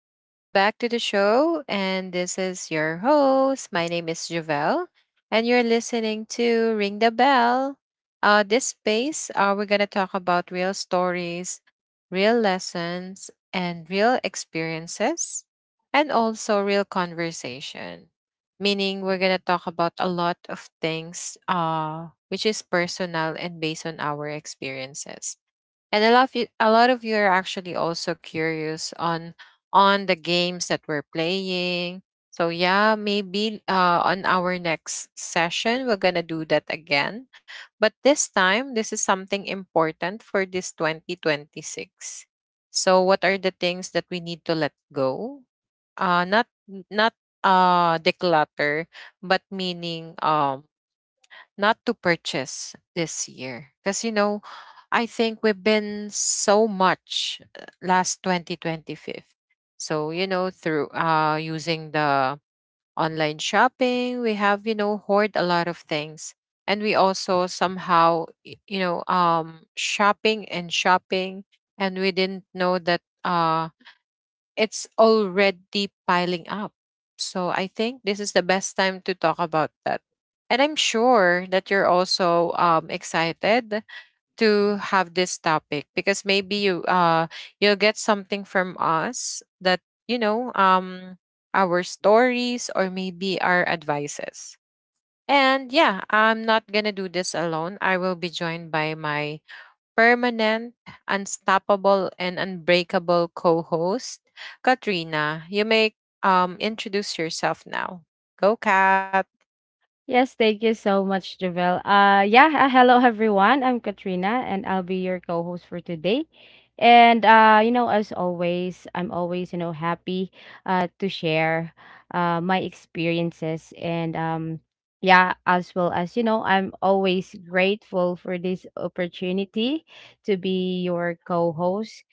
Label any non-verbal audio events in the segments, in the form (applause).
Welcome back to the show. And this is your host. My name is Javelle, and you're listening to Ring the Bell. This space, we're going to talk about real stories, real lessons, and real experiences, and also real conversation. Meaning, we're going to talk about a lot of things which is personal and based on our experiences, and a lot of you are actually also curious on the games that we're playing. So yeah, maybe on our next session we're gonna do that again, but this time this is something important for this 2026. So what are the things that we need to let go, not not declutter, but meaning, not to purchase this year? Because you know, I think we've been so much, last 2025. So you know, through using the online shopping, we have, you know, hoard a lot of things. And we also somehow, you know, shopping and shopping, and we didn't know that it's already piling up. So I think this is the best time to talk about that. And I'm sure that you're also excited to have this topic, because maybe you you'll get something from us that, you know, our stories or maybe our advices. And yeah, I'm not gonna do this alone. I will be joined by my permanent, unstoppable, and unbreakable co host, Katrina. You may, introduce yourself now. Go, Kat. Yes, thank you so much, Javel. Yeah, hello everyone. I'm Katrina, and I'll be your co-host for today. And as always, I'm always happy to share my experiences, and yeah, as well as, I'm always grateful for this opportunity to be your co-host.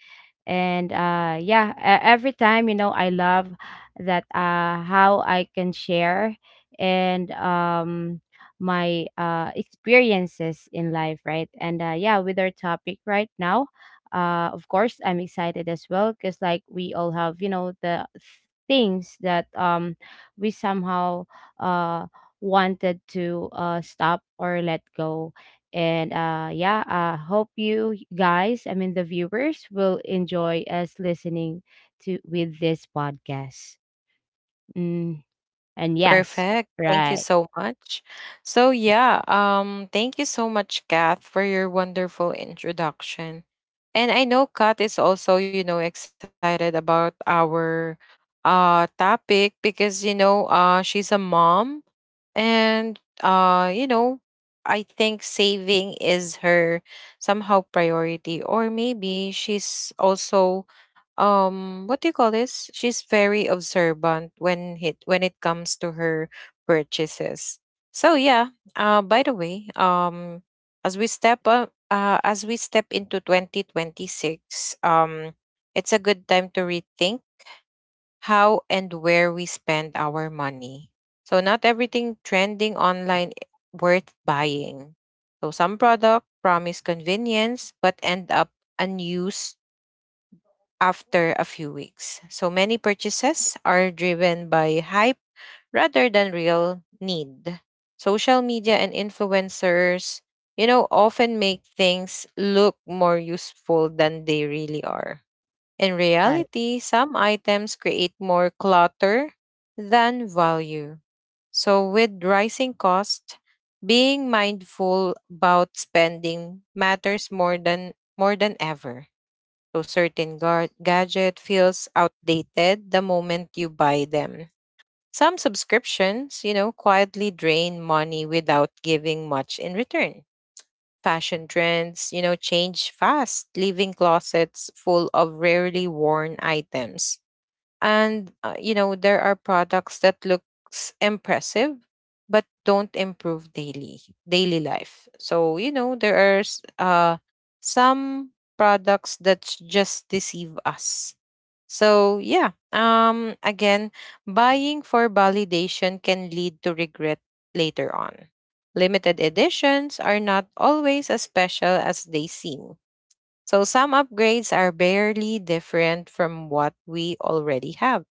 And yeah, every time, I love that how I can share, and my experiences in life, right. And yeah, with our topic right now, of course I'm excited as well, because like we all have, the things that we somehow uh wanted to stop or let go. And yeah, I hope you guys, I mean, the viewers will enjoy us listening to with this podcast. Mm, and yes, Perfect. Thank you right, so much. So yeah, thank you so much, Kath, for your wonderful introduction. And I know Kath is also, you know, excited about our topic because, you know, she's a mom, and you know, I think saving is her somehow priority, or maybe she's also, what do you call this, she's very observant when it comes to her purchases. So yeah, by the way, as we step into 2026, it's a good time to rethink how and where we spend our money. So not everything trending online worth buying. So some product promise convenience but end up unused after a few weeks. So many purchases are driven by hype rather than real need. Social media and influencers, you know, often make things look more useful than they really are. In right, reality, some items create more clutter than value. So, with rising costs, being mindful about spending matters more than ever. So, certain gadget feels outdated the moment you buy them. Some subscriptions, you know, quietly drain money without giving much in return. Fashion trends, you know, change fast, leaving closets full of rarely worn items. And you know, there are products that looks impressive but don't improve daily life. So you know, there are some products that just deceive us. So yeah, again, buying for validation can lead to regret later on. Limited editions are not always as special as they seem. So some upgrades are barely different from what we already have.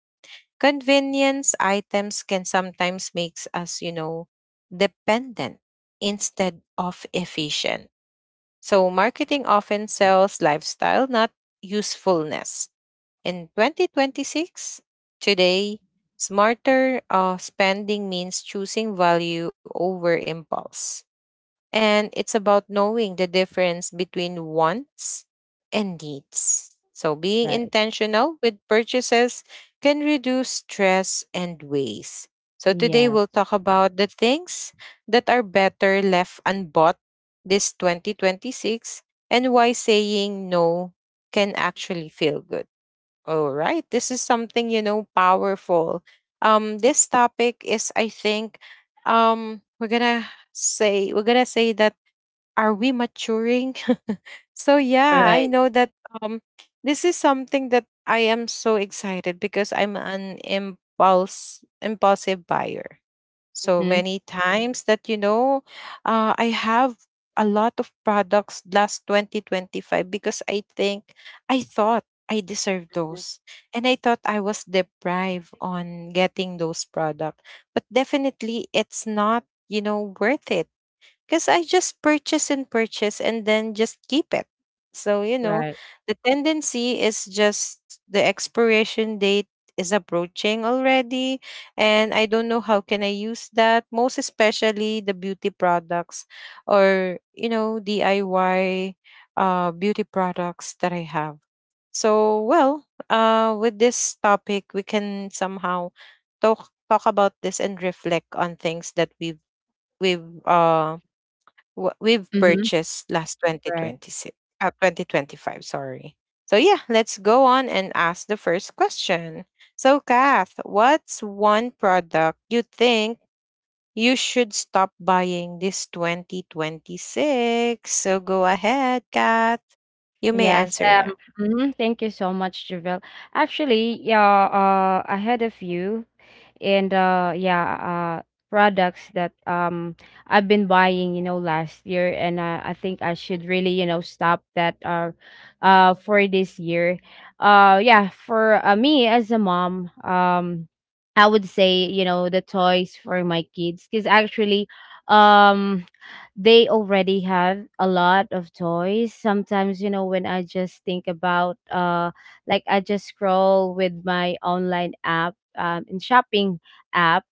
Convenience items can sometimes make us, you know, dependent instead of efficient. So marketing often sells lifestyle, not usefulness. In 2026, Today, smarter spending means choosing value over impulse. And it's about knowing the difference between wants and needs. So, being right. intentional with purchases can reduce stress and waste. So, today we'll Yes, talk about the things that are better left unbought this 2026, and why saying no can actually feel good. All right. This is something, you know, powerful. This topic is, I think, we're going to say that, are we maturing? (laughs) So yeah, I right. know that um this is something that I am so excited, because I'm an impulse impulsive buyer. So Mm-hmm. many times that, you know, I have a lot of products last 2025, because I think I thought I deserved those, and I thought I was deprived on getting those products. But definitely it's not, you know, worth it, because I just purchase and purchase and then just keep it. So, you know, Right. the tendency is just the expiration date is approaching already, and I don't know how can I use that, most especially the beauty products, or you know, DIY beauty products that I have. So, well, with this topic we can somehow talk about this and reflect on things that we've what we've Mm-hmm. purchased last Right. 2026 uh, 2025, sorry. So yeah, let's go on and ask the first question. So Kath, what's one product you think you should stop buying this 2026? So go ahead, Kath, you may Yes. answer. Mhm, thank you so much, Javel. Actually, yeah. I had a few. And yeah, products that I've been buying, last year, and I think I should really, stop that for this year. Yeah, for me, as a mom, I would say, the toys for my kids, because actually, um they already have a lot of toys. Sometimes, when I just think about, like I just scroll with my online app, in shopping app,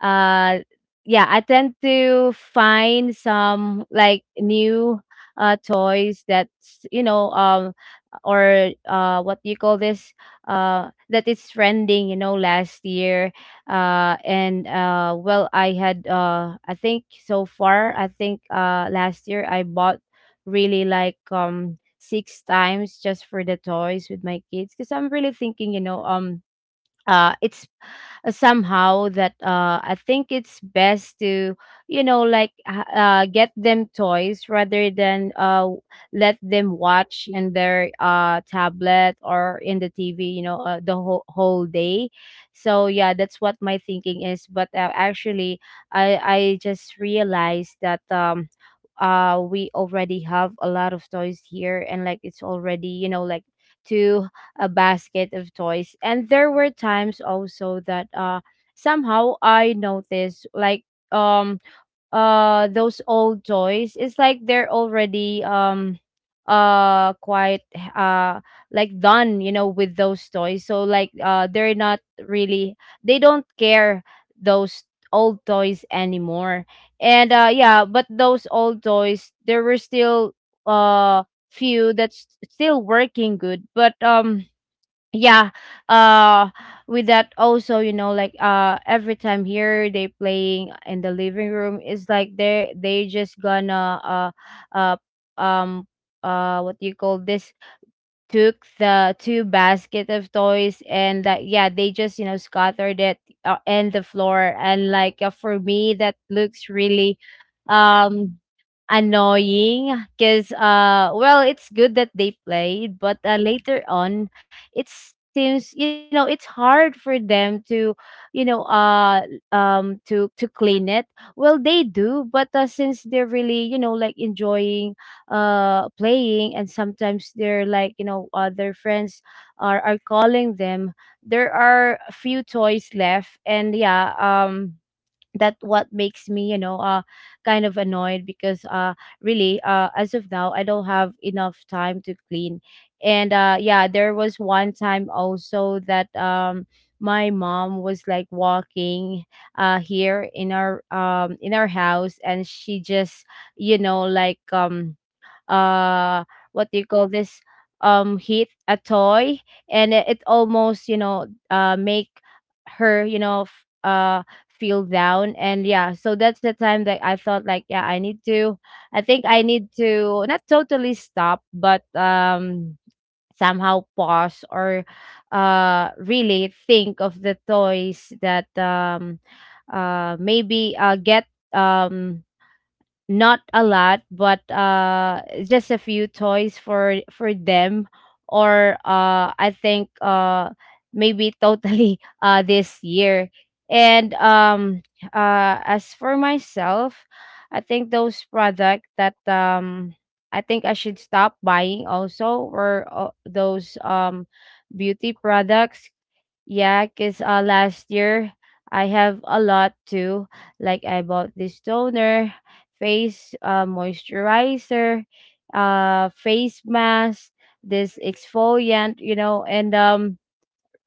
uh, yeah, I tend to find some, like, new toys that's, or what do you call this, that is trending, last year. And well, I had, I think so far, I think last year I bought really, like, six times just for the toys with my kids, because I'm really thinking, it's somehow that, I think it's best to, like, get them toys rather than let them watch in their tablet or in the tv, the whole day. So yeah, that's what my thinking is, but actually I just realized that, we already have a lot of toys here, and like it's already, like, two, a basket of toys. And there were times also that somehow I noticed, like, um those old toys, it's like they're already, quite uh like done, with those toys. So, like, they're not really, they don't care those old toys anymore. And yeah, but those old toys, there were still uh few that's still working good, but yeah. uh with that also, like, every time here they playing in the living room, it's like they just gonna, uh um what do you call this, took the two basket of toys, and yeah, they just, scattered it and the floor. And like, for me, that looks really um annoying, because well, it's good that they played, but later on it seems, it's hard for them to, you know uh to clean it. Well, they do, but since they're really, like, enjoying playing. And sometimes they're like, other friends are calling them, there are a few toys left, and yeah. That, what makes me, kind of annoyed, because really, as of now I don't have enough time to clean. And yeah, there was one time also that, my mom was like walking here in our, in our house, and she just, like, uh what do you call this, heat a toy, and it almost, make her, feel down. And yeah, so that's the time that I thought, like, yeah, I need to, I think I need to not totally stop, but somehow pause, or really think of the toys that, maybe get, um not a lot, but just a few toys for them. Or I think, maybe totally (laughs) this year. And as for myself, I think those product that, I think I should stop buying also, were those beauty products. Yeah, because last year I have a lot too. Like I bought this toner, face moisturizer, face mask, this exfoliant, and um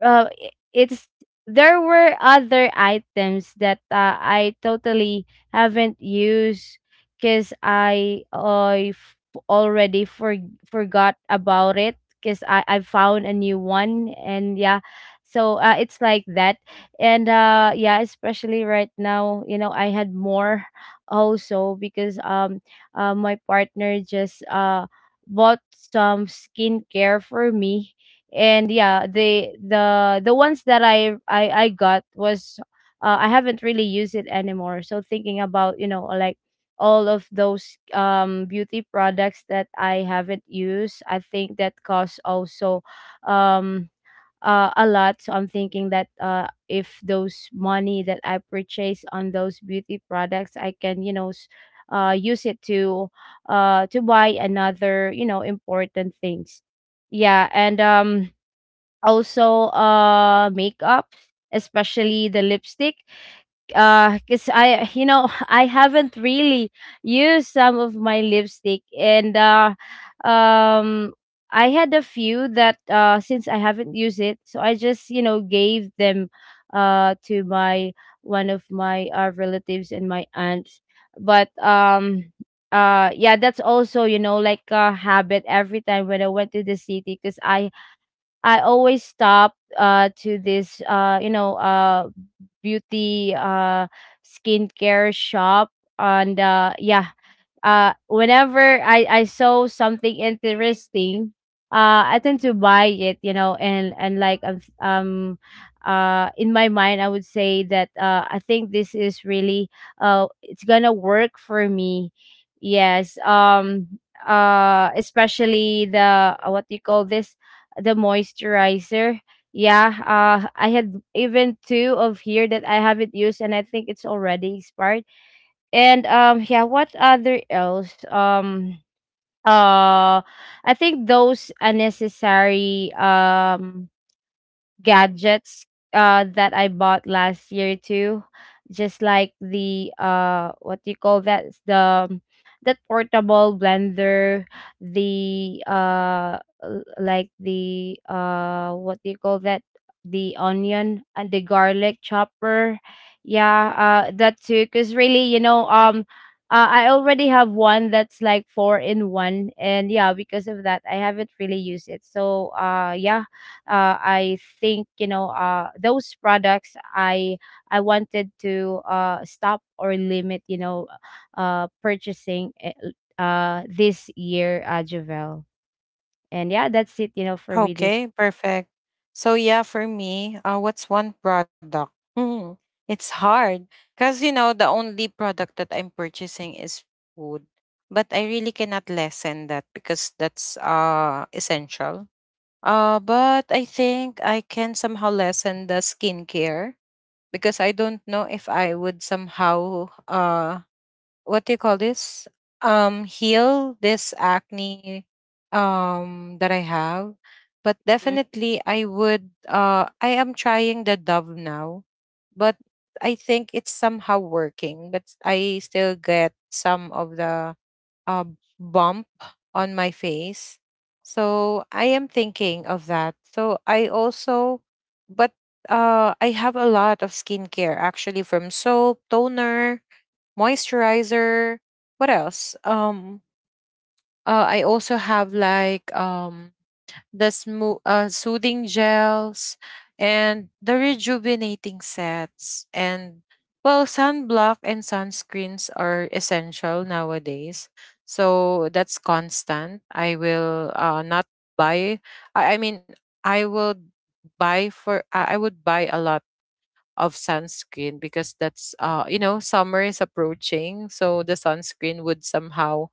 uh, i- it's, there were other items that I totally haven't used, because I I f- already for, forgot about it, because I found a new one, and yeah. So it's like that. And yeah, especially right now, I had more also, because my partner just bought some skincare for me. And yeah, the ones that I got was, I haven't really used it anymore. So thinking about, like, all of those beauty products that I haven't used, I think that costs also, um a lot. So I'm thinking that if those money that I purchase on those beauty products, I can, use it to buy another, important things. Yeah. And also makeup, especially the lipstick. Because I (laughs) I haven't really used some of my lipstick. And um I had a few that, since I haven't used it, so I just, gave them to my, one of my relatives and my aunts. But yeah, that's also, like a habit every time when I went to the city, because I always stop to this beauty skincare shop. And yeah, whenever I saw something interesting, I tend to buy it, and like, in my mind I would say that, I think this is really, it's going to work for me. Yes. Especially the, what do you call this? The moisturizer. Yeah, I had even two of here that I haven't used, and I think it's already expired. And yeah, what other else? Uh I think those unnecessary, gadgets that I bought last year too. Just like the, what do you call that? It's the, um, that portable blender, the, the, what do you call that? The onion and the garlic chopper. Yeah, that too. Cause really, I already have one that's like four in one, and yeah, because of that, I haven't really used it. So, yeah, I think, those products I wanted to stop or limit, purchasing, this year, Javel. And yeah, that's it, for me, this. Okay, perfect. So yeah, for me, what's one product? Hmm, it's hard because, you know, the only product that I'm purchasing is food, but I really cannot lessen that because that's essential. But I think I can somehow lessen the skincare, because I don't know if I would somehow, what do you call this, heal this acne that I have. But Hmm, definitely I would, I am trying the Dove now, but I think it's somehow working, but I still get some of the uh, bump on my face. So I am thinking of that. So I also but I have a lot of skincare, actually, from soap, toner, moisturizer. What else? I also have like, the soothing gels and the rejuvenating sets. And well, sunblock and sunscreens are essential nowadays. So that's constant. I will, not buy. I mean, I will buy for. I would buy a lot of sunscreen, because that's you know, summer is approaching, so the sunscreen would somehow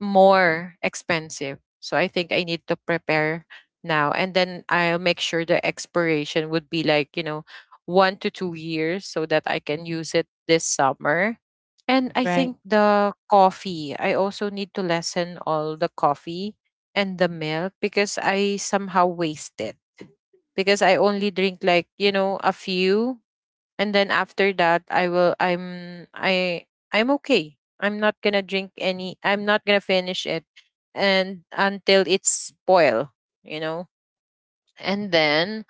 more expensive. So I think I need to prepare now, and then I'll make sure the expiration would be like, you know, 1 to 2 years, so that I can use it this summer. And I right. think the coffee, I also need to lessen all the coffee and the milk, because I somehow waste it, because I only drink like, you know, a few, and then after that I'm okay. I'm not gonna drink any. I'm not gonna finish it, and until it's spoil, you know. And then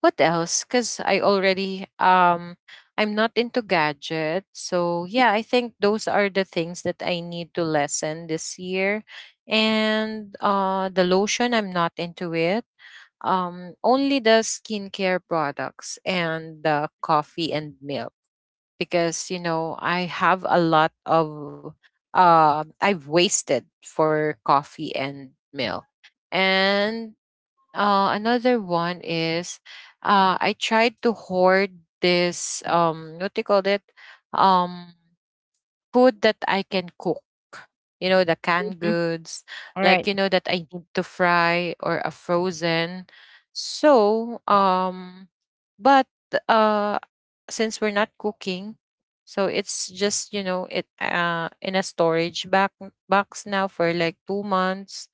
what else? Because I already, I'm not into gadgets, so yeah, I think those are the things that I need to lessen this year. And the lotion, I'm not into it. Only the skincare products and the coffee and milk, because you know, I have a lot of, I've wasted for coffee and milk. And another one is, I tried to hoard this, what do you call it, um food that I can cook. You know, the canned Mm-hmm. goods, All right. like you know, that I need to fry or a frozen. So, but uh since we're not cooking, so it's just, you know, it in a storage back box now for like 2 months.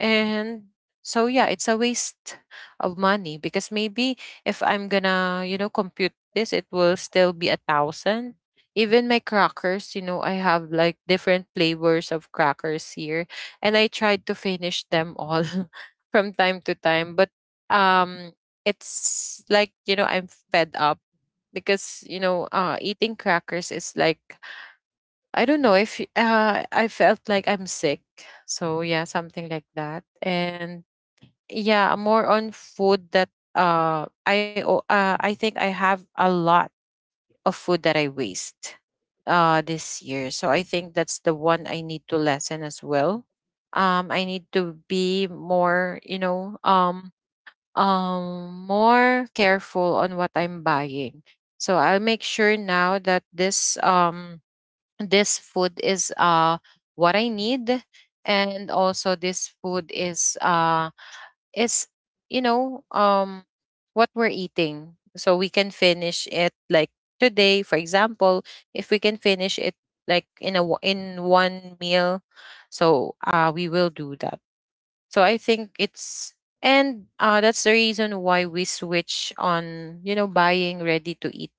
And so yeah, it's a waste of money, because maybe if I'm gonna, you know, compute this, it will still be a thousand. Even my crackers, you know, I have like different flavors of crackers here, and I tried to finish them all (laughs) from time to time. But um, it's like, you know, I'm fed up, because you know, eating crackers is like, I don't know if I felt like I'm sick. So yeah, something like that. And yeah, more on food that I think I have a lot of food that I waste this year. So I think that's the one I need to lessen as well. I need to be more, you know, more careful on what I'm buying. So I'll make sure now that this, this food is what I need, and also this food is is you know, what we're eating, so we can finish it like today, for example. If we can finish it like in a in one meal, so we will do that. So I think it's and That's the reason why we switch on, you know, buying ready to eat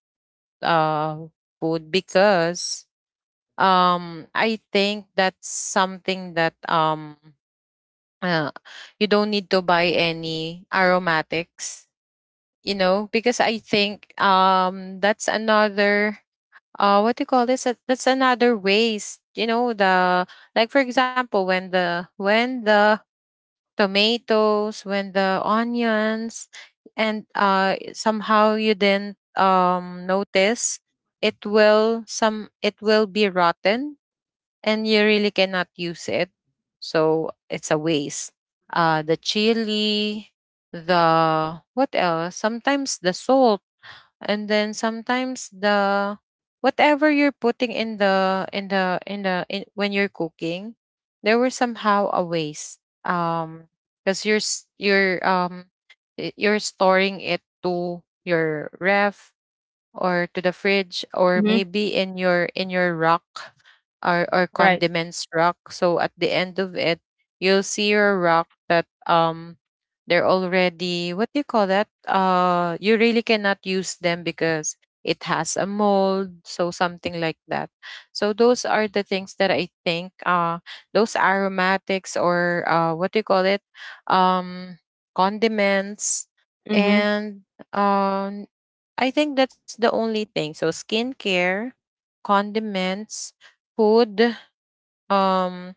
uh food, because I think that's something that, uh, you don't need to buy any aromatics, you know, because I think, that's another what do you call this? That's another waste, you know, the, like for example, when the tomatoes, when the onions, and somehow you didn't notice, it will some it will be rotten, and you really cannot use it. So it's a waste. The chili, the, what else? Sometimes the salt, and then sometimes the whatever you're putting in when you're cooking, there were somehow a waste. Because you're you're storing it to your ref, or to the fridge, Mm-hmm. or maybe in your rock, or Right. condiments rock, so at the end of it you'll see your rock that, they're already, what do you call that, you really cannot use them because it has a mold, so something like that. So those are the things that I think, those aromatics, or, what do you call it, um condiments. Mm-hmm. And um, I think that's the only thing. So skincare, condiments, food, um,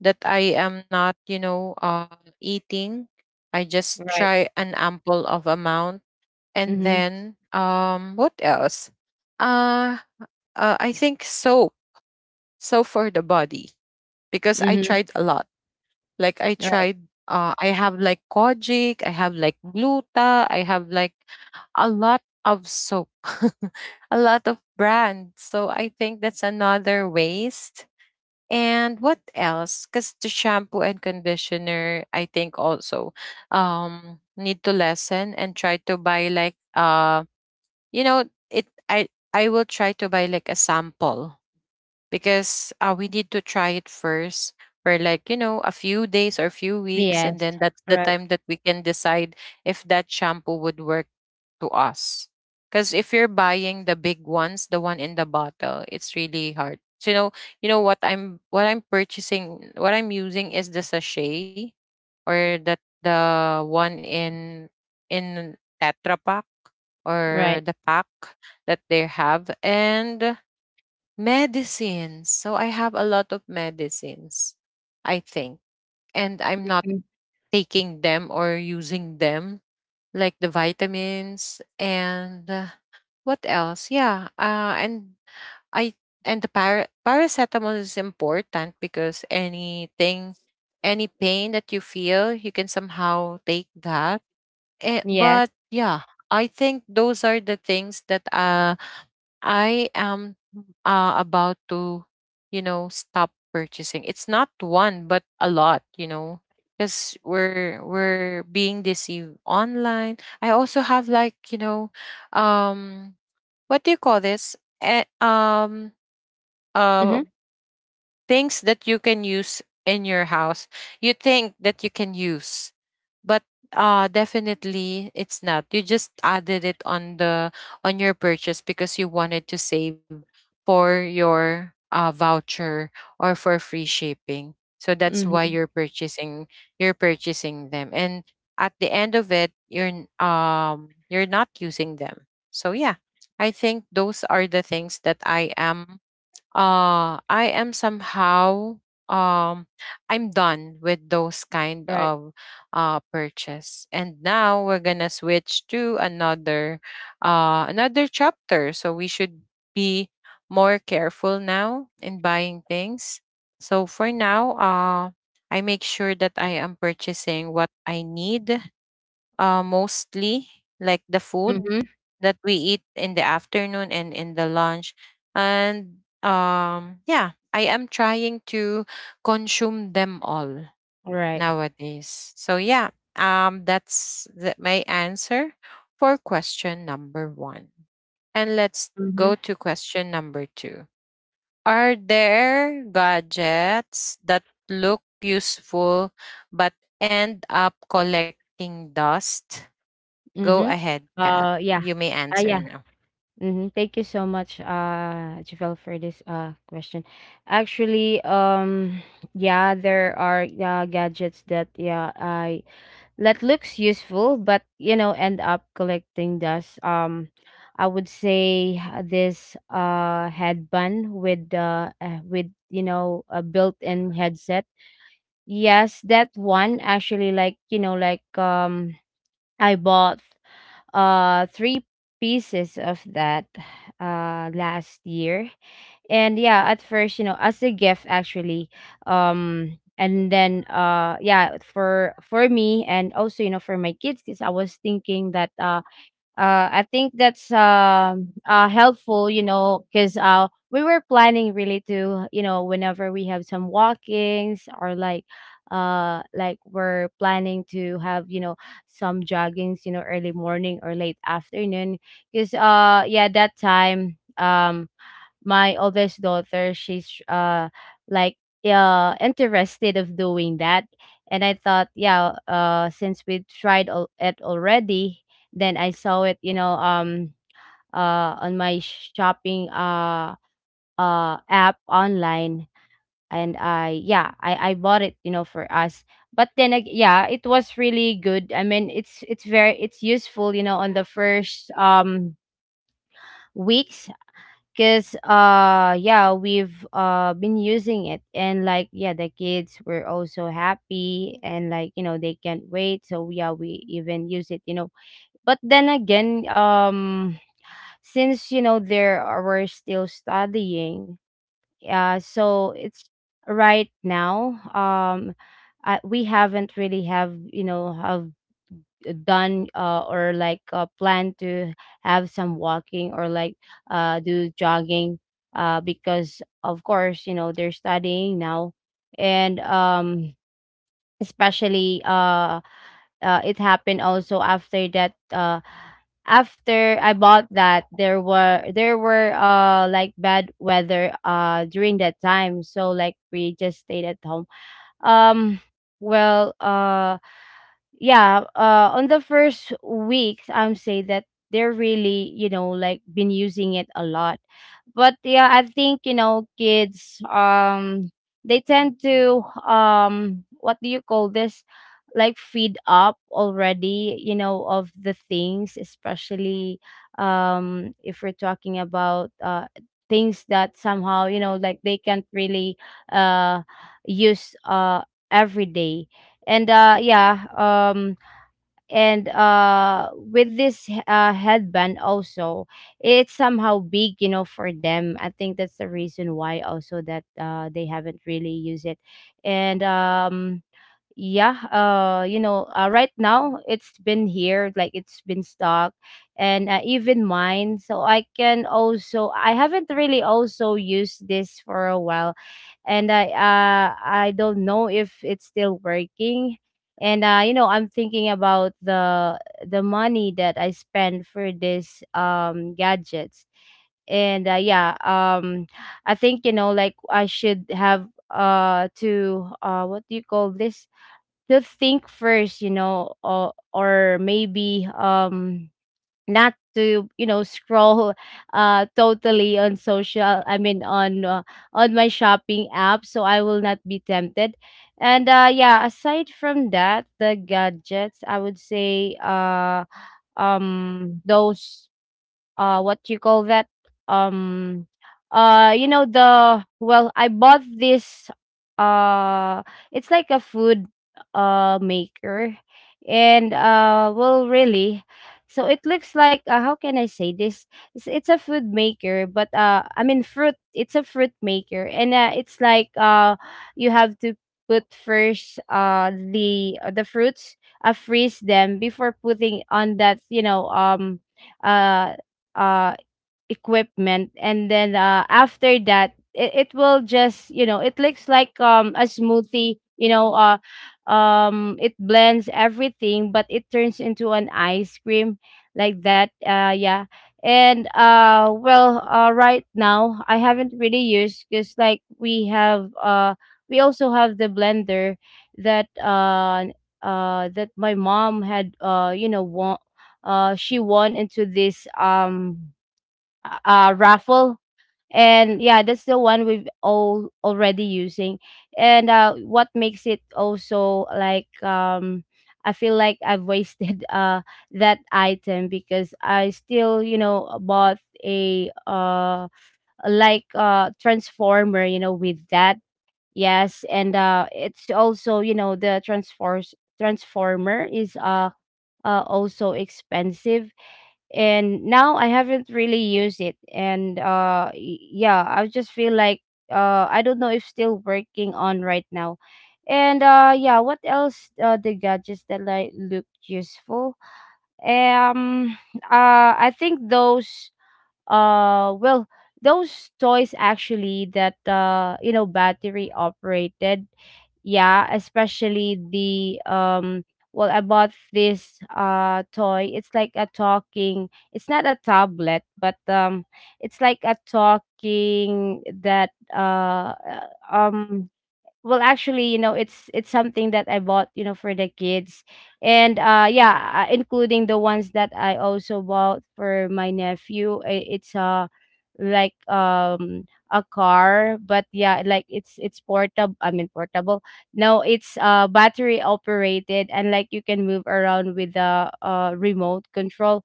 that I am not, eating. I just Right. try an ample of amount, and Mm-hmm. then, what else? Uh, I think soap, soap for the body because I Mm-hmm. tried a lot. Like I Right. tried, I have like kojic, I have like gluta, I have like a lot of soap, (laughs) a lot of brands. So I think that's another waste. And what else? Because the shampoo and conditioner, I think also need to lessen, and try to buy like, you know, it I will try to buy like a sample, because, we need to try it first for, like, you know, a few days or a few weeks, and Yes. then that's the Right. time that we can decide if that shampoo would work to us. Because if you're buying the big ones, the one in the bottle, it's really hard. So, you know, you know what I'm purchasing, what I'm using is the sachet, or that the one in tetra pack, or Right. the pack that they have. And medicines. So I have a lot of medicines, I think. And I'm not Mm. taking them or using them, like the vitamins, and, what else? Yeah. I and the paracetamol is important, because anything, any pain that you feel, you can somehow take that. Yes. But yeah, I think those are the things that, I am, about to, you know, stop purchasing. It's not one, but a lot, you know, because we're being deceived online. I also have like, you know, um, what do you call this? Uh, Mm-hmm. Things that you can use in your house. You think that you can use, but, definitely it's not, you just added it on the on your purchase because you wanted to save for your, voucher, or for free shipping, so that's why Mm-hmm. you're purchasing them, and at the end of it you're not using them. So yeah, I think those are the things that I am, somehow, um I'm done with those kind Right. of, purchase. And now we're gonna switch to another, another chapter. So we should be more careful now in buying things. So for now, I make sure that I am purchasing what I need, mostly like the food Mm-hmm. that we eat in the afternoon and in the lunch. And, yeah, I am trying to consume them all Right. nowadays. So yeah, that's my answer for question number one, and let's Mm-hmm. go to question number two. Are there gadgets that look useful but end up collecting dust? Go Mm-hmm. ahead, Kat. Yeah. You may answer Yeah. now. Mhm. Thank you so much, Javel, for this question. Actually, (sighs) yeah, there are gadgets that, yeah I that looks useful, but, end up collecting dust. I would say, this headband with, with, a built-in headset. Yes, that one actually, like, like, I bought three pieces of that last year. And yeah, at first, as a gift actually. And then, yeah, for me, and also, for my kids, because I was thinking that. I think that's helpful, because we were planning really to, whenever we have some walkings, or like we're planning to have, some joggings, early morning or late afternoon. Because yeah, that time, my oldest daughter, she's like, interested of doing that, and I thought, yeah, since we tried it already, then I saw it, you know, on my shopping, app online. And I, yeah, I bought it, you know, for us. But then, yeah, it was really good. I mean, it's very, it's useful, you know, on the first, weeks, because yeah, we've been using it, and like, yeah, the kids were also happy, and like, you know, they can't wait, so yeah, we even use it, you know. But then again, since, you know, we're still studying, so it's right now, we haven't really have, you know, have done, or like, plan to have some walking, or like, do jogging, because of course, you know, they're studying now. And especially, it happened also after that, after I bought that, there were like bad weather during that time. So like, we just stayed at home. Um well, yeah, on the first weeks, I'm say that they're really, you know, like, been using it a lot. But yeah, I think, you know, kids, they tend to, what do you call this, like, feed up already, you know, of the things, especially, if we're talking about, things that somehow, you know, like, they can't really uh use every day. And yeah. And with this, headband also, it's somehow big, you know, for them. I think that's the reason why also that they haven't really used it. And yeah, you know, right now it's been here, like, it's been stuck. And even mine, so I can also, I haven't really also used this for a while. And I don't know if it's still working. And you know, I'm thinking about the money that I spend for this, gadgets. And yeah, I think, you know, like, I should have to, what do you call this, to think first, you know, or maybe, not to, you know, scroll totally on social, I mean on, on my shopping app, so I will not be tempted. And yeah, aside from that, the gadgets, I would say, those, what you call that, um you know, the, well, I bought this, uh it's like a food maker. And well, really, so it looks like, how can I say this, it's a food maker, but I mean fruit, it's a fruit maker. And it's like, you have to put first the fruits, freeze them before putting on that, you know, uh uh equipment. And then, after that, it will just, you know, it looks like a smoothie, you know, it blends everything, but it turns into an ice cream, like that, yeah. And well, right now I haven't really used, because like, we have, we also have the blender that uh that my mom had, you know, won. She won into this, raffle. And yeah, that's the one we've all already using. And what makes it also like, I feel like I've wasted (laughs) that item, because I still, you know, bought a, like, transformer, you know, with that. Yes. And it's also, you know, the transforms transformer is, also expensive. And now I haven't really used it. And yeah, I just feel like, I don't know if still working on right now. And yeah, what else? The gadgets that like looked useful. Um, (sighs) I think those. Well, those toys actually that, you know, battery operated. Yeah, especially the, well, I bought this toy. It's like a talking, it's not a tablet, but it's like a talking that, um well, actually, you know, it's something that I bought, you know, for the kids. And yeah, including the ones that I also bought for my nephew. It's like, a car, but yeah, like, it's portable, I mean portable, no, it's battery operated, and like, you can move around with the remote control.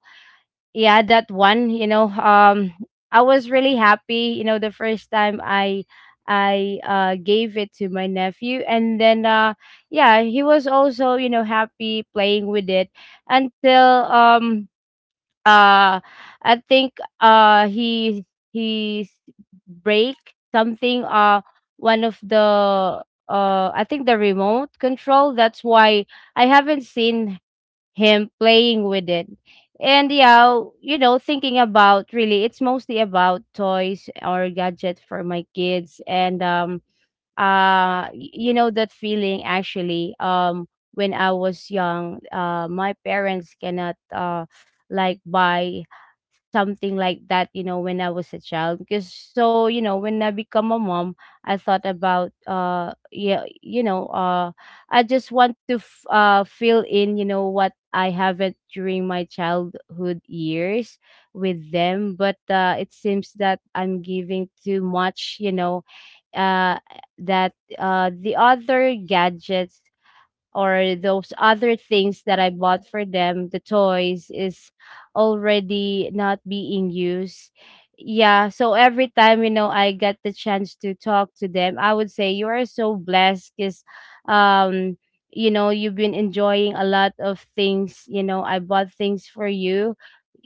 Yeah, that one, you know. I was really happy, you know, the first time I gave it to my nephew, and then yeah, he was also, you know, happy playing with it. Until, um uh I think he break something, one of the, I think, the remote control, that's why I haven't seen him playing with it. And yeah, you know, thinking about, really, it's mostly about toys or gadgets for my kids. And you know that feeling, actually. When I was young, my parents cannot like buy something like that, you know, when I was a child. Because so, you know, when I become a mom, I thought about, yeah, you know, I just want to fill in, you know, what I haven't during my childhood years with them, but it seems that I'm giving too much, you know, uh that, the other gadgets, or those other things that I bought for them, the toys is already not being used. Yeah, so every time, you know, I get the chance to talk to them, I would say, you are so blessed, because um you know, you've been enjoying a lot of things, you know, I bought things for you.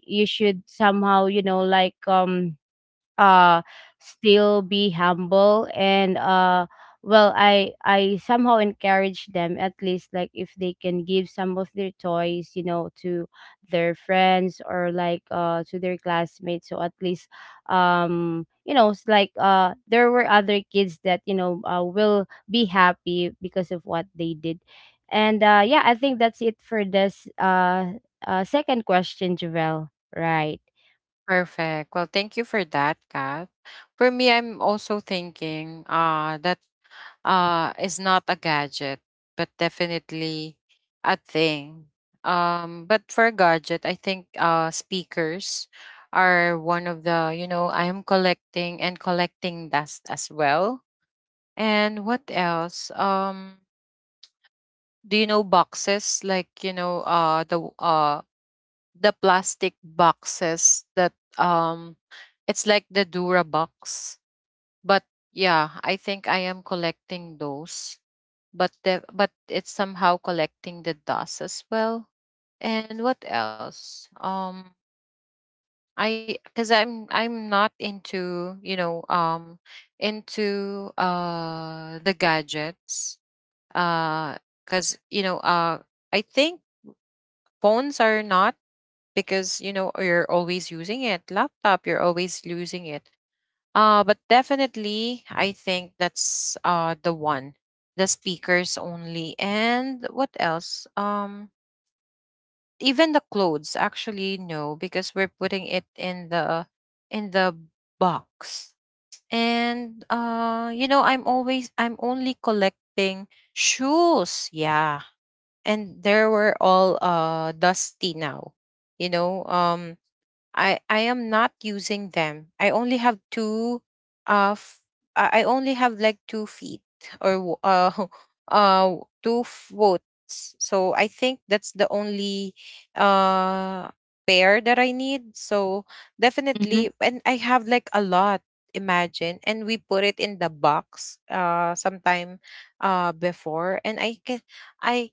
You should somehow, you know, like, uh still be humble, and well, I somehow encourage them, at least, like, if they can give some of their toys, you know, to their friends, or like, to their classmates, so at least, you know, it's like, there were other kids that, you know, will be happy because of what they did. And yeah, I think that's it for this, second question, Javel, right? Perfect. Well, thank you for that, Kat. For me, I'm also thinking, that, is not a gadget, but definitely a thing. But for gadget, I think, speakers are one of the, you know, I am collecting and collecting dust as well. And what else? Do you know boxes, like, you know, the plastic boxes that, um it's like the Dura box. But yeah, I think I am collecting those. But it's somehow collecting the dust as well. And what else? I'm not into, you know, into, the gadgets. Uh Cuz you know, I think phones are not, because you know, you're always using it, laptop, you're always using it, but definitely I think that's, the one, the speakers only. And what else? Even the clothes, actually no, because we're putting it in the box. And, you know, I'm only collecting shoes, yeah. And there were all, dusty now, you know. I am not using them. I only have two, uh f- I only have like two feet, or (laughs) uh two foot. So I think that's the only, uh pair that I need. So Mm-hmm. definitely. And I have like a lot, imagine, and we put it in the box, sometime, before, and I can I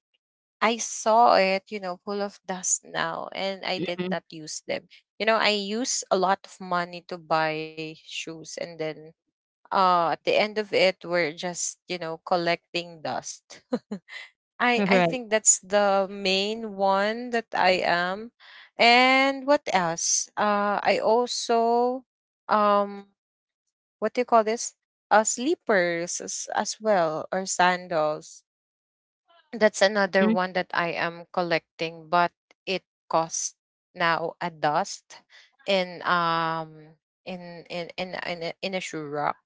I saw it, you know, full of dust now, and I did Mm-hmm. not use them. You know, I use a lot of money to buy shoes, and then, at the end of it, we're just, you know, collecting dust. (laughs) (laughs) I All I right. think that's the main one that I am. And what else? I also, um what do you call this? Sleepers, as well, or sandals. That's another one that I am collecting, but it costs now a dust in, in a shoe rack.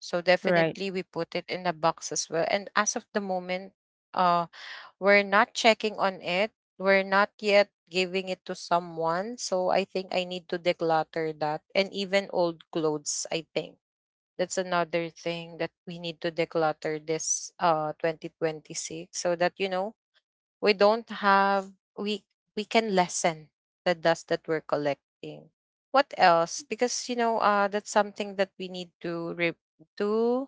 So Right. definitely we put it in a box as well. And as of the moment, uh, we're not checking on it. We're not yet giving it to someone. So I think I need to declutter that, and even old clothes. I think that's another thing that we need to declutter this, 2026, so that, you know, we don't have we we can lessen the dust that we're collecting. What else? Because you know, that's something that we need to to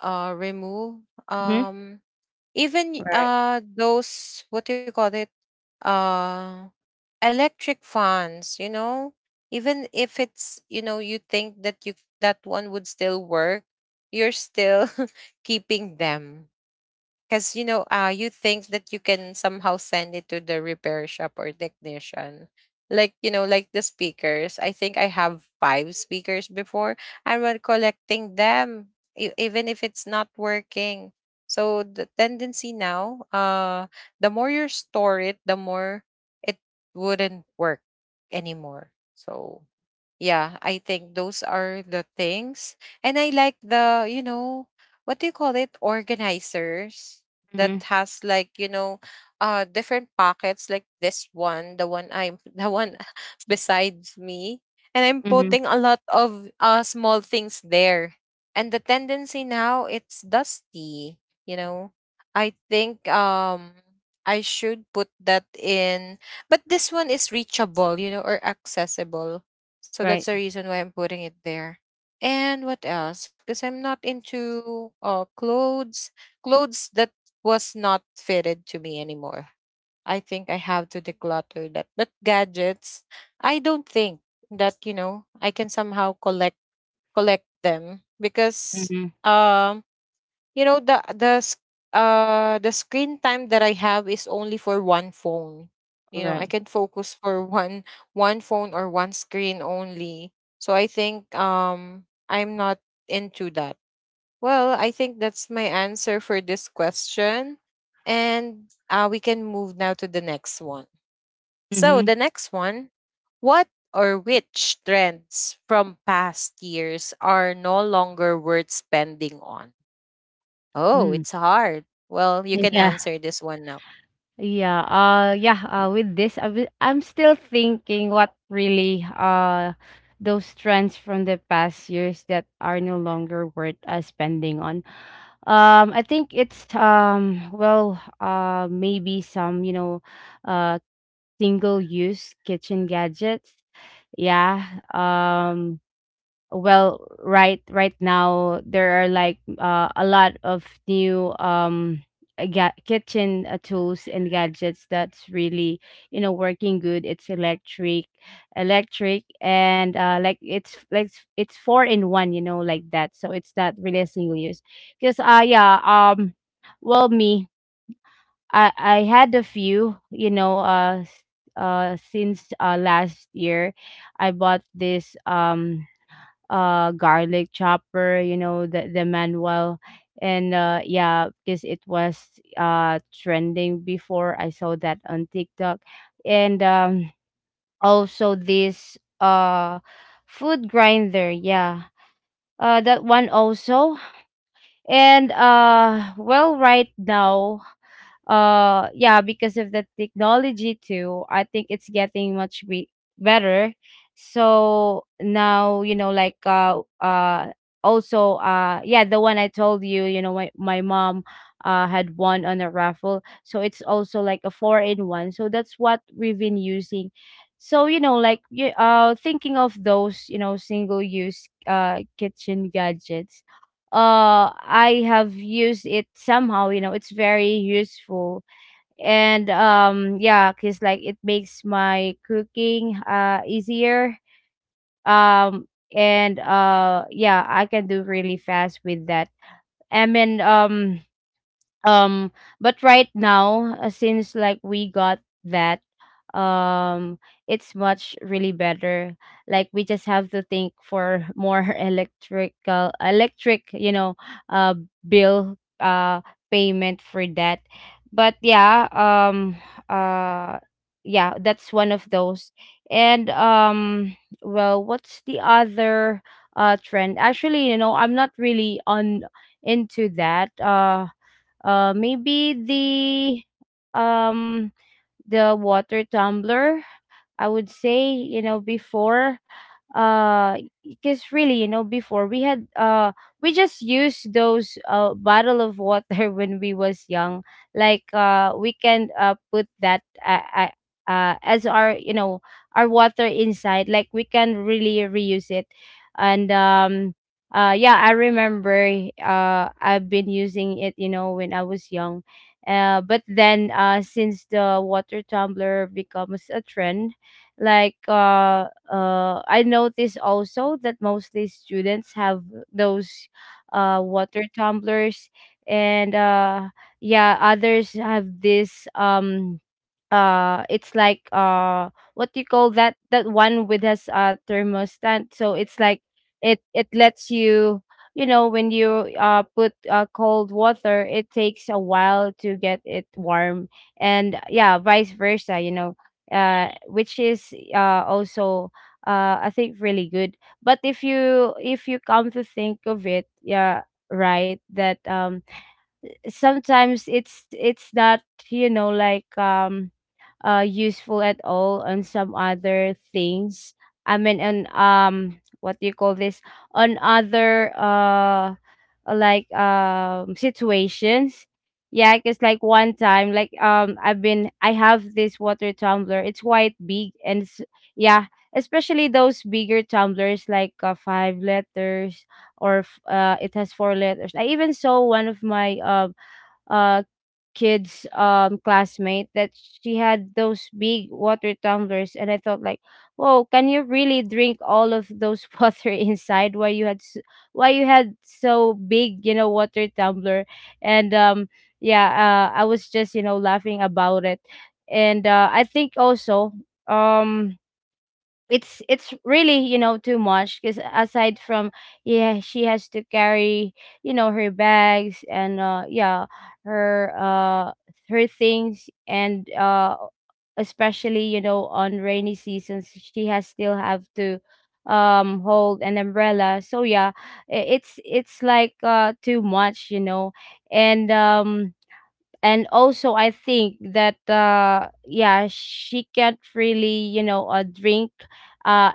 remove. Mhm. um even y- Right. uh those, what do you call it, uh electric fans, you know. Even if it's, you know, you think that, you that one would still work, you're still (laughs) keeping them. Because you know, you think that you can somehow send it to the repair shop or technician. Like, you know, like the speakers. I think I have five speakers before, and when collecting them, even if it's not working. So the tendency now, the more you store it, the more it wouldn't work anymore. So yeah, I think those are the things. And I like the, you know, what do you call it? Organizers that Mhm. has, like, you know, different pockets, like this one, the one I'm (laughs) the one (laughs) beside me. And I'm Mhm. putting a lot of, small things there. And the tendency now, it's dusty, you know. I think, I should put that in, but this one is reachable, you know, or accessible, so that's Right. the reason why I'm putting it there. And what else? Because I'm not into, clothes, clothes that was not fitted to me anymore. I think I have to declutter that. But gadgets, I don't think that, you know, I can somehow collect them, because, Mhm. um you know, the screen time that I have is only for one phone. You know, I Right. can focus for (laughs) one phone, or one screen only. So I think, I'm not into that. Well, I think that's my answer for this question. And, we can move now to the next one. So Mhm. the next one: what, or which trends from past years are no longer worth spending on? Oh, Hmm. it's hard. Well, you can Yeah. answer this one now. Yeah. Yeah, with this, I'm still thinking what really, those trends from the past years that are no longer worth, spending on. I think it's, well, maybe some, you know, uh single use kitchen gadgets. Yeah. Well, right now there are like, a lot of new, kitchen, tools and gadgets that's really, you know, working good. It's electric, and like, it's like, it's four in one, you know, like that, so it's not really a single use, because yeah, well, me, I had a few, you know, since last year I bought this, garlic chopper, you know, the manual. And yeah, because it was trending before, I saw that on TikTok. And also this food grinder, yeah, that one also. And well, right now, yeah, because of the technology too, I think it's getting much better. So now, you know, like, also, yeah, the one I told you, you know, my mom had won on a raffle, so it's also like a four in one, so that's what we've been using. So, you know, like, you, thinking of those, you know, single use kitchen gadgets, I have used it somehow, you know, it's very useful. And yeah, cuz like it makes my cooking easier. Um and yeah, I can do really fast with that. I mean, um but right now, since like we got that, um it's much really better. Like, we just have to think for more (laughs) electric, you know, uh bill, payment for that. But yeah, uh yeah, that's one of those. And well, what's the other trend? Actually, you know, I'm not really on into that. Maybe the, um the water tumbler. I would say, before, uh because really, before we had, we just used those bottle of water (laughs) when we was young. Like, we can put that, as our, our water inside, like we can really reuse it. And yeah, I remember, I've been using it, when I was young. But then, since the water tumbler becomes a trend, like uh I noticed also that mostly students have those water tumblers, and yeah, others have this, it's like, what do you call that, that one with this thermostat, so it's like, it lets you, you know when you, put cold water, it takes a while to get it warm. And yeah, vice versa, which is also, I think really good. But if you come to think of it, yeah, right, that, sometimes it's not, like, useful at all on some other things. I mean, on, what do you call this, on other, like, situations. Yeah, because like one time, like, I have this water tumbler, it's quite big and yeah, especially those bigger tumblers, like, five letters. Or it has four letters. I even saw one of my, uh, kid's classmate, that she had those big water tumblers, and I thought like, whoa, can you really drink all of those (laughs) water inside? Why you had why you had so big, water tumbler? And Yeah, I was just, laughing about it. And I think also, um it's really, too much, because aside from, yeah, she has to carry, her bags and, yeah, her, her things and, especially, on rainy seasons she has still have to, hold an umbrella. So yeah, it's like, too much, and um and also, I think that, yeah, she can't really, drink, uh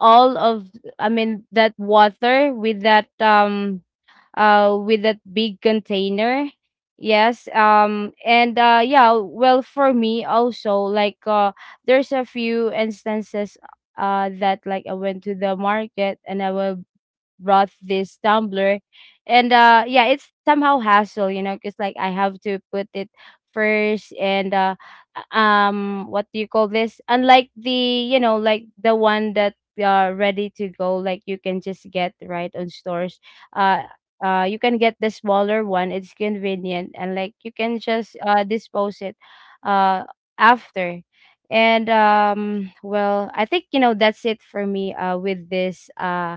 all of, I mean, that water with that, with that big container. Yes. And Yeah, well, for me also, like, there's a few instances, that like I went to the market and I will brought this tumbler. And Yeah, it's somehow hassle, because like I have to put it first. And What do you call this? Unlike the, like the one that, ready to go, like you can just get right on stores. uh you can get the smaller one, it's convenient, and like you can just dispose it uh after. And Well, I think, that's it for me, with this,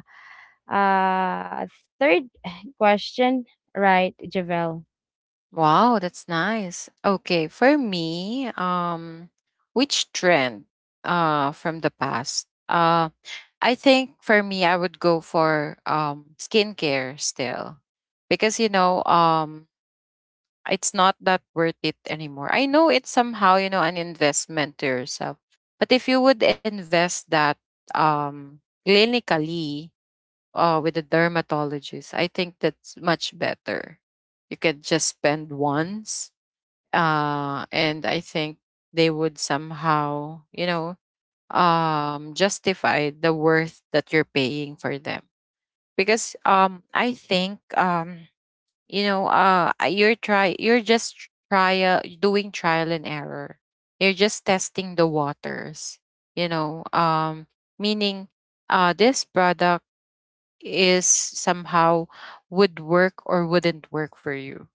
uh, third (sighs) question, right, Javel? Wow, that's nice. Okay, for me, which trend, from the past? I think for me I would go for, skincare still. Because you know, it's not that worth it anymore. I know it's somehow, you know, an investment to yourself. But if you would invest that, um clinically, with a dermatologist, I think that's much better. You could just spend once, and I think they would somehow, you know, justify the worth that you're paying for them. Because, I think, you know, you're just trial doing trial and error. You're just testing the waters, you know. Meaning, this product is somehow would work or wouldn't work for you.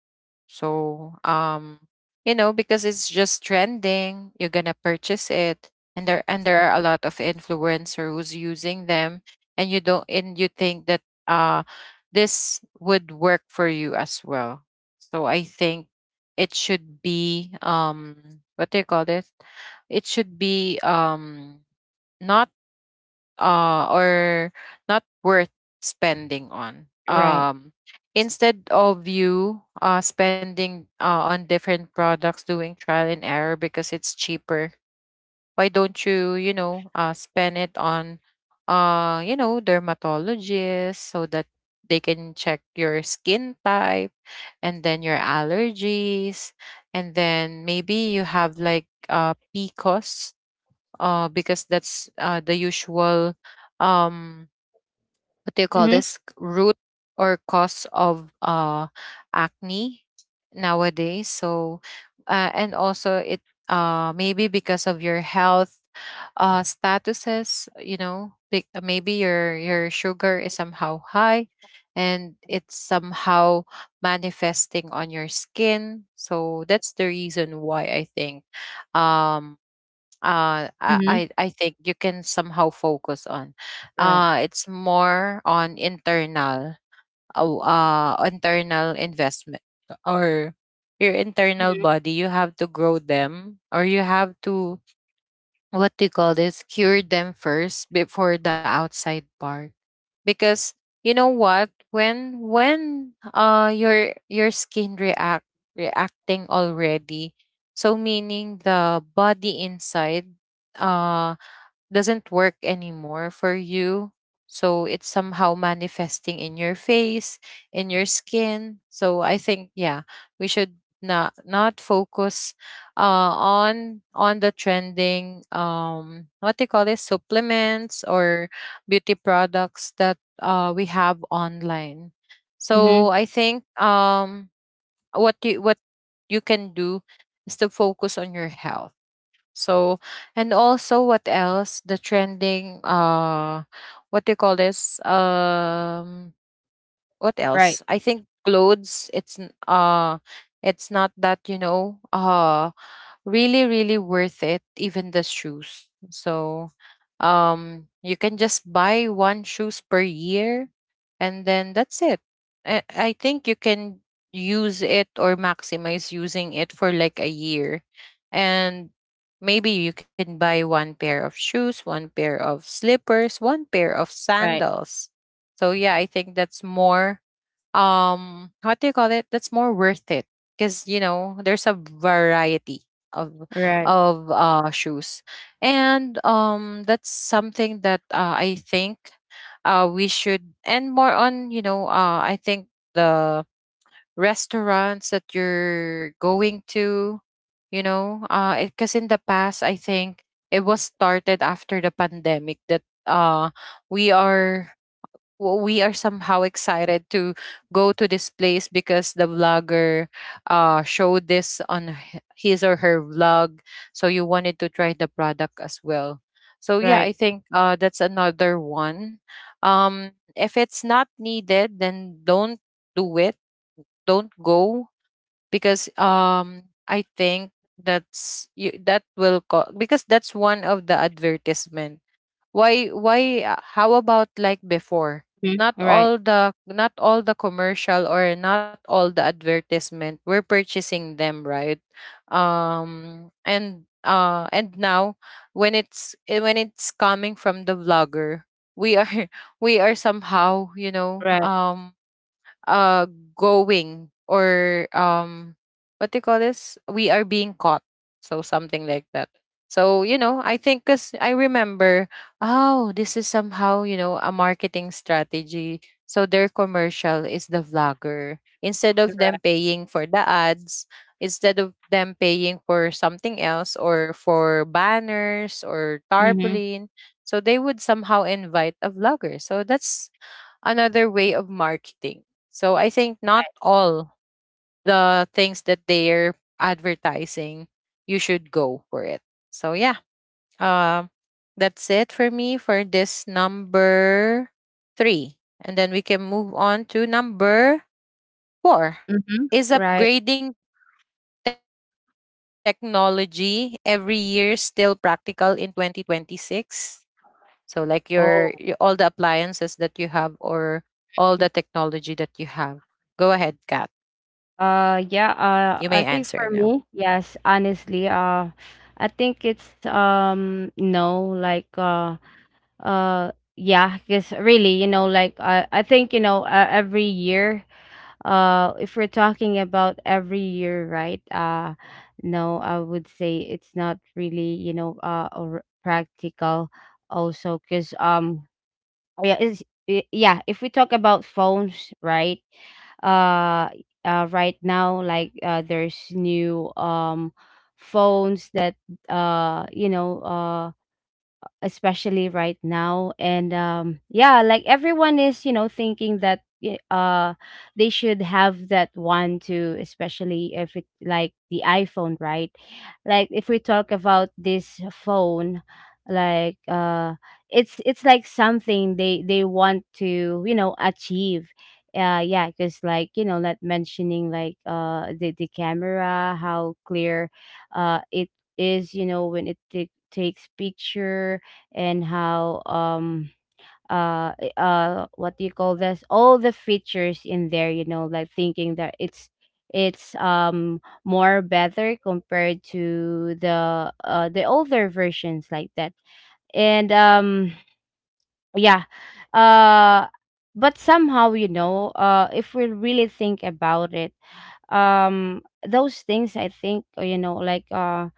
So, you know, because it's just trending, you're gonna purchase it, and there are a lot of influencer who's using them, and you don't and you think that, uh this would work for you as well. So I think it should be, what do you call this? It should be, not, or not worth spending on. Right. Instead of you spending on different products, doing trial and error because it's cheaper, why don't you, spend it on, dermatologists so that they can check your skin type and then your allergies and then maybe you have like PCOS because that's the usual, um, what do you call Mhm. this, root or cause of acne nowadays. So, and also it, maybe because of your health statuses, you know, maybe your sugar is somehow high and it's somehow manifesting on your skin, so that's the reason why I think um uh I I Mhm. I think you can somehow focus on. Right. Uh, it's more on internal, oh, internal investment, or your internal Mhm. body. You have to grow them, or you have to, what do you call this, cure them first before the outside part, because you know what, when your skin reacting already, so meaning the body inside uh doesn't work anymore for you. So it's somehow manifesting in your face, in your skin. So I think, yeah, we should not focus on the trending, um what they call this, supplements or beauty products that we have online. So Mhm. I think, what you can do is to focus on your health, so, and also what else? The trending, uh, what do you call this, um, what Right. else? I think clothes, it's n- it's not that, really really worth it, even the shoes. So, um, you can just buy one shoes per year and then that's it. I think you can use it or maximize using it for like a year, and maybe you can buy one pair of shoes, one pair of slippers, one pair of Right. sandals. So yeah, I think that's more, um what do you call it, that's more worth it, because you know, there's a variety of Right. of shoes. And um, that's something that I think we should, and more on, you know, I think the restaurants that you're going to, you know, because in the past, I think it was started after the pandemic that uh we are w- we are somehow excited to go to this place because the vlogger showed this on his or her vlog, so you wanted to try the product as well. So yeah, I Right. think that's another one. Um, if it's not needed, then don't do it, don't go, because um, I think that's, you that will co- because that's one of the advertisement. Why How about like before, Mhm. Right. Not all the commercial or not all the advertisement, we're purchasing them, right? Um, and now when it's when it's coming from the vlogger, we are (laughs) we are somehow, you know, Right. um, uh going, or um, what do you call this? We are being caught. So something like that. So, you know, I think, cuz I remember, oh, this is somehow, you know, a marketing strategy. So their commercial is the vlogger. Instead of Right. them paying for the ads, instead of them paying for something else or for banners or Mhm. tarpaulin, so they would somehow invite a vlogger. So that's another way of marketing. So I think not Right. all the things that they're advertising, you should go for it. So yeah, um, that's it for me for this number three. And then we can move on to number four. Mhm. Is Right. upgrading technology every year still practical in 2026? So like your all the Oh, appliances that you have, or all the technology that you have. Go ahead, Kat. You may yeah. answer now. I think for me, yes, honestly, I think it's, no, like, yeah, because really, like I think, every year. If we're talking about every year, right? No, I would say it's not really, or practical. Also because, yeah, it's, yeah, if we talk about phones, right? uh right now, like, there's new, phones that, uh you know uh especially right now. And Yeah, like everyone is, thinking that they should have that one too, especially if it like the iPhone, right? Like if we talk about this phone, like, it's like something they want to, achieve. Yeah, because, like not mentioning like, the camera, how clear it is, when it takes picture. And how, what do you call this, all the features in there, like thinking that it's, more better compared to the, the older versions like that. And Yeah. uh but somehow, if we really think about it, um those things, I think, like,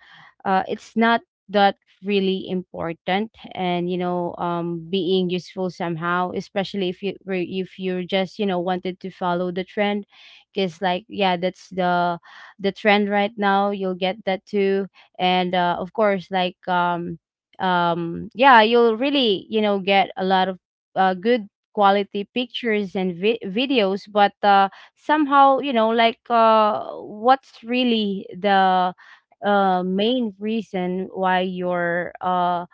it's not that really important. And, being useful somehow, especially if you if you're just, wanted to follow the trend, because like yeah, that's the trend right now, you'll get that too. And of course, like, yeah, you'll really, get a lot of, good quality pictures and videos. But, somehow, like, what's really the, main reason why you're,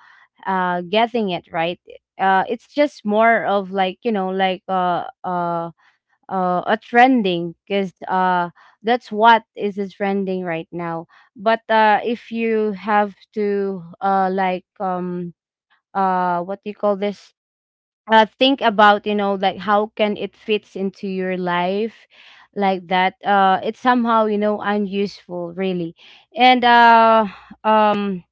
getting it, right. It's just more of like, like, a trending, because, that's what is a trending right now. But, if you have to, like, what do you call this? Think about, like how can it fits into your life, like that, it's somehow, unuseful really. And um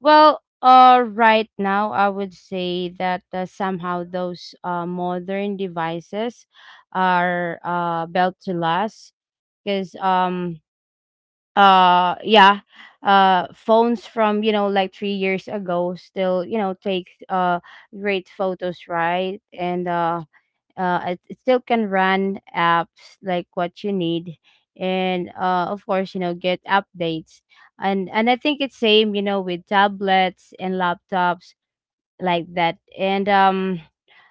well, right now I would say that, somehow those modern devices are built to last. Because, yeah, phones from, like 3 years ago still, take great photos, right? and It still can run apps like what you need, and, of course, get updates. And I think it's same, with tablets and laptops like that. And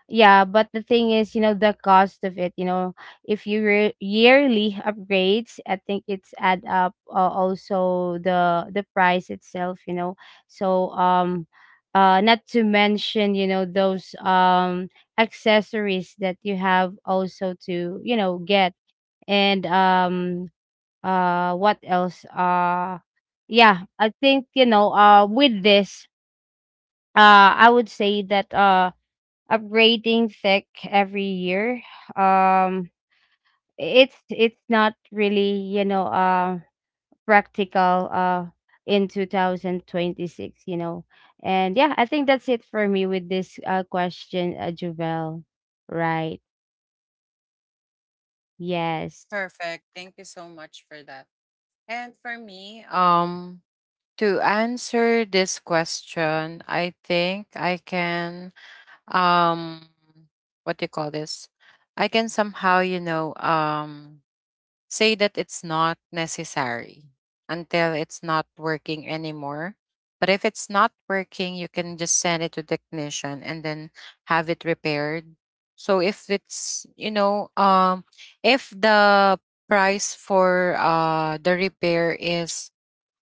yeah, but the thing is, the cost of it, if you yearly upgrades, I think it's add up, also the price itself, you know. So um Not to mention, those, accessories that you have also to, get. And What else? Yeah, I think, with this, uh I would say that upgrading tech every year, um it's not really, practical in 2026, you know. And yeah, I think that's it for me with this, question, Juvel. Right. Yes. Perfect. Thank you so much for that. And for me, to answer this question, I think I can, um, what do you call this? I can somehow, you know, um, say that it's not necessary until it's not working anymore. But if it's not working, you can just send it to technician and then have it repaired. So if it's, you know, um, if the price for the repair is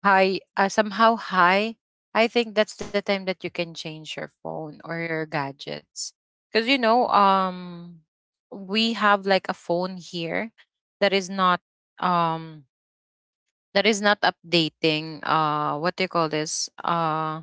high, somehow high, I think that's the time that you can change your phone or your gadgets. Because you know, um, we have like a phone here that is not, um, that is not updating, uh, what do you call this, uh,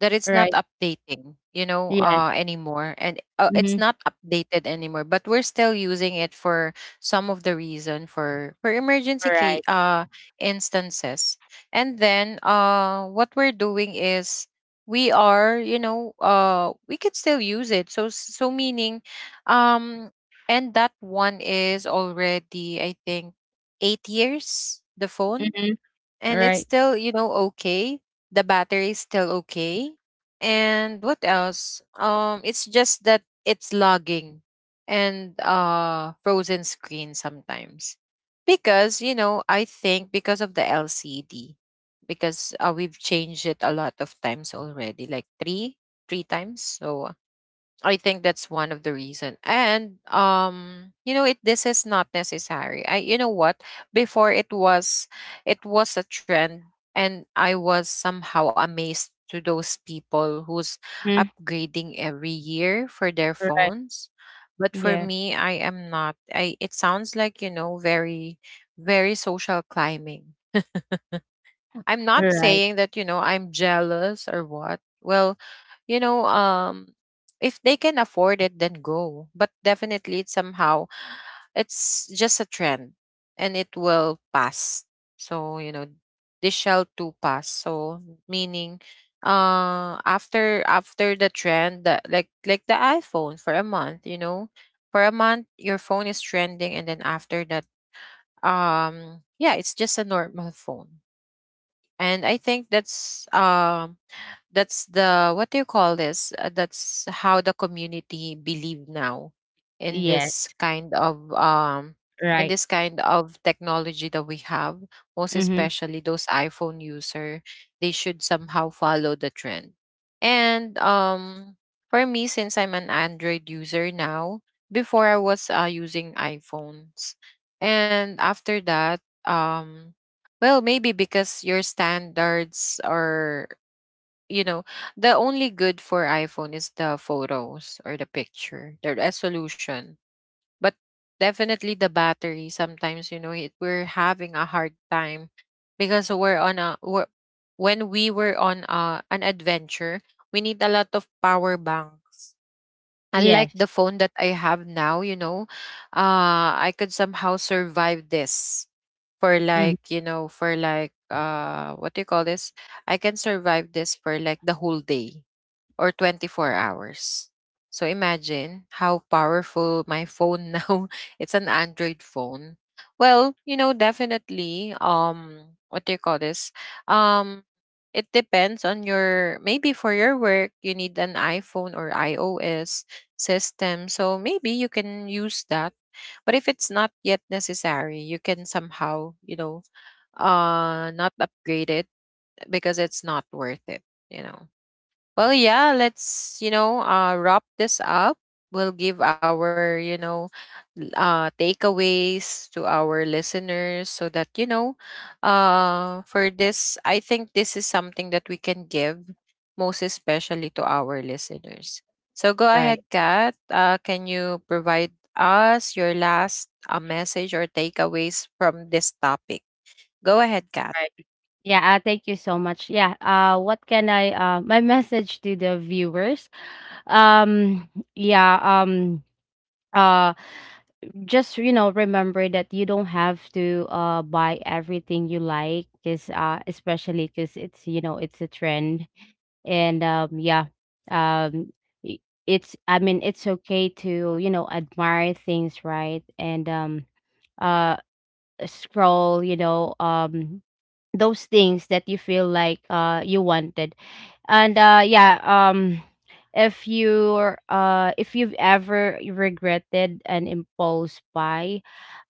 that it's not Right. updating, you know, Yeah. Anymore, and it's mm-hmm. not updated anymore, but we're still using it for some of the reason, for emergency case Right. Instances. And then what we're doing is we are, you know, we could still use it, so, so meaning um, and that one is already, I think, 8 years, the phone. mm-hmm. And it's Right. still, you know, okay, the battery is still okay. And what else, um, it's just that it's lagging, and uh, frozen screen sometimes, because you know, I think because of the LCD, because we've changed it a lot of times already, like three times. So I think that's one of the reason. And you know, it this is not necessary. I, you know what? Before, it was, it was a trend, and I was somehow amazed to those people who's mm-hmm. upgrading every year for their Right. phones. But for Yeah. me, I am not. I It sounds like, you know, very very social climbing. I'm not Right. saying that, you know, I'm jealous or what. Well, you know, um, if they can afford it, then go. But definitely it's somehow, it's just a trend, and it will pass. So you know, this shall too pass. So meaning, after the trend, that, like the iPhone, for a month, you know, for a month your phone is trending, and then after that, um, yeah, it's just a normal phone. And I think that's um, that's the, what do you call this? That's how the community believe now, in this Yes. kind of um, in Right. this kind of technology that we have, most mm-hmm. especially those iPhone user, they should somehow follow the trend. And um, for me, since I'm an Android user now, before I was using iPhones, and after that, um, well, maybe because your standards are, you know, the only good for iPhone is the photos or the picture, the resolution. But definitely the battery. Sometimes you know it, we're having a hard time because we're on a we're, when we were on a, an adventure, we need a lot of power banks, unlike Yes. the phone that I have now. You know, I could somehow survive this for mm-hmm. like, you know, for like, what do you call this? I can survive this for like the whole day, or 24 hours. So imagine how powerful my phone (laughs) now. It's an Android phone. Well, you know, definitely um, what do you call this? Um, it depends on your, maybe for your work you need an iPhone or iOS system. So maybe you can use that. But if it's not yet necessary, you can somehow, you know, not upgrade it, because it's not worth it, you know. Well, yeah, let's, you know, wrap this up. We'll give our, you know, takeaways to our listeners, so that, you know, for this, I think this is something that we can give most especially to our listeners. So go Right. ahead, Kat. Can you provide us your last message or takeaways from this topic? Go ahead, Kat. Right. Yeah, thank you so much. Yeah, what can I, my (laughs) message to the viewers? Um, yeah, um, uh, just, remember that you don't have to buy everything you like, because, especially because it's, it's a trend. And Yeah. um i- it's, I mean, it's okay to, admire things, right? and uh Scroll, those things that you feel like you wanted. And Yeah. If you're, if you've ever regretted an impulse buy,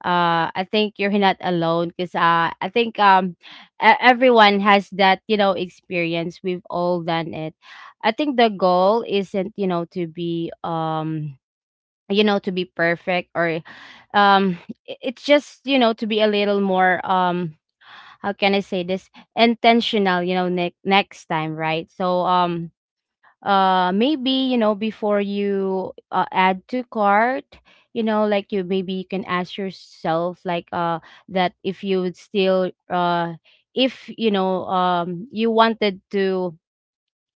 I think you're not alone, because, I think, everyone has that, experience, we've all done it. I think the goal isn't, to be, to be perfect, or, um it's just, to be a little more, how can I say this, intentional, next time, right. Maybe, before you, add to cart, like you, maybe you can ask yourself like, that if you would still if you, know you wanted to,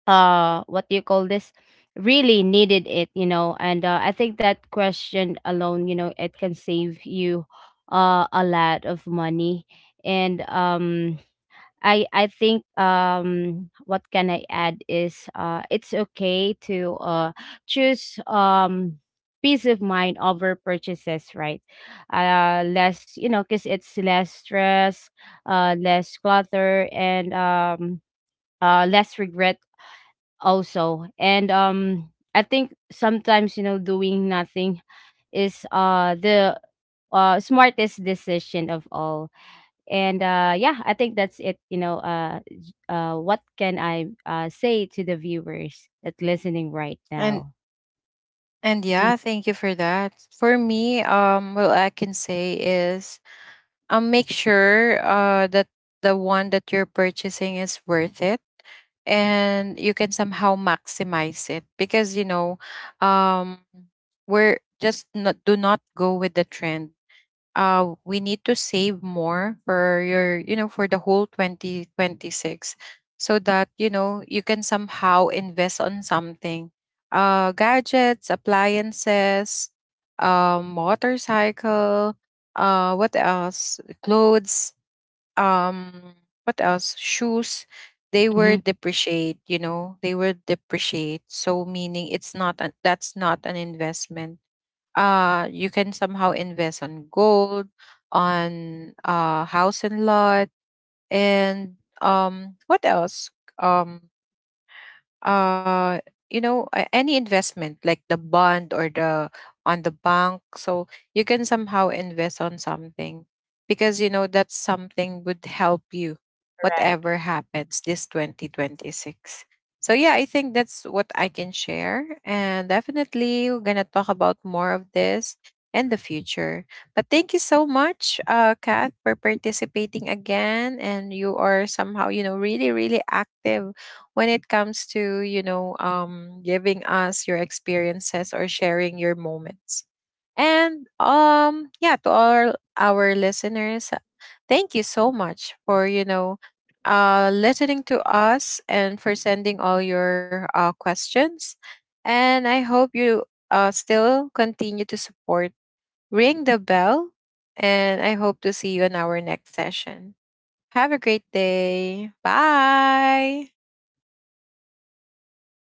what do you call this, really needed it, and, I think that question alone, it can save you a lot of money. And I think, what can I add is, it's okay to choose, peace of mind over purchases, right. Less, because it's less stress, less clutter, and, less regret also. And I think sometimes, doing nothing is, the, smartest decision of all. And, yeah, I think that's it, what can I, say to the viewers that listening right And now. And yeah, thank you for that. For me, well, I can say is, make sure that the one that you're purchasing is worth it, and you can somehow maximize it, because you know, um, we're just, not do not go with the trend. We need to save more for your, you know, for the whole 2026, so that, you know, you can somehow invest on something. Gadgets, appliances, motorcycle, what else? Clothes, um, what else? Shoes. They were Mm-hmm. depreciate, you know, they were depreciate. So meaning it's not, that's not an investment. You can somehow invest on gold, on house and lot, and um, what else, um, uh, you know, any investment like the bond, or the, on the bank. So you can somehow invest on something, because you know that something would help you Right. whatever happens this 2026. So yeah, I think that's what I can share. And definitely, we're gonna talk about more of this in the future. But thank you so much, Kat, for participating again. And you are somehow, you know, really really active when it comes to, you know, giving us your experiences or sharing your moments. And yeah, to all our listeners, thank you so much for, you know, listening to us and for sending all your questions. And I hope you still continue to support Ring the Bell. And I hope to see you in our next session. Have a great day. Bye.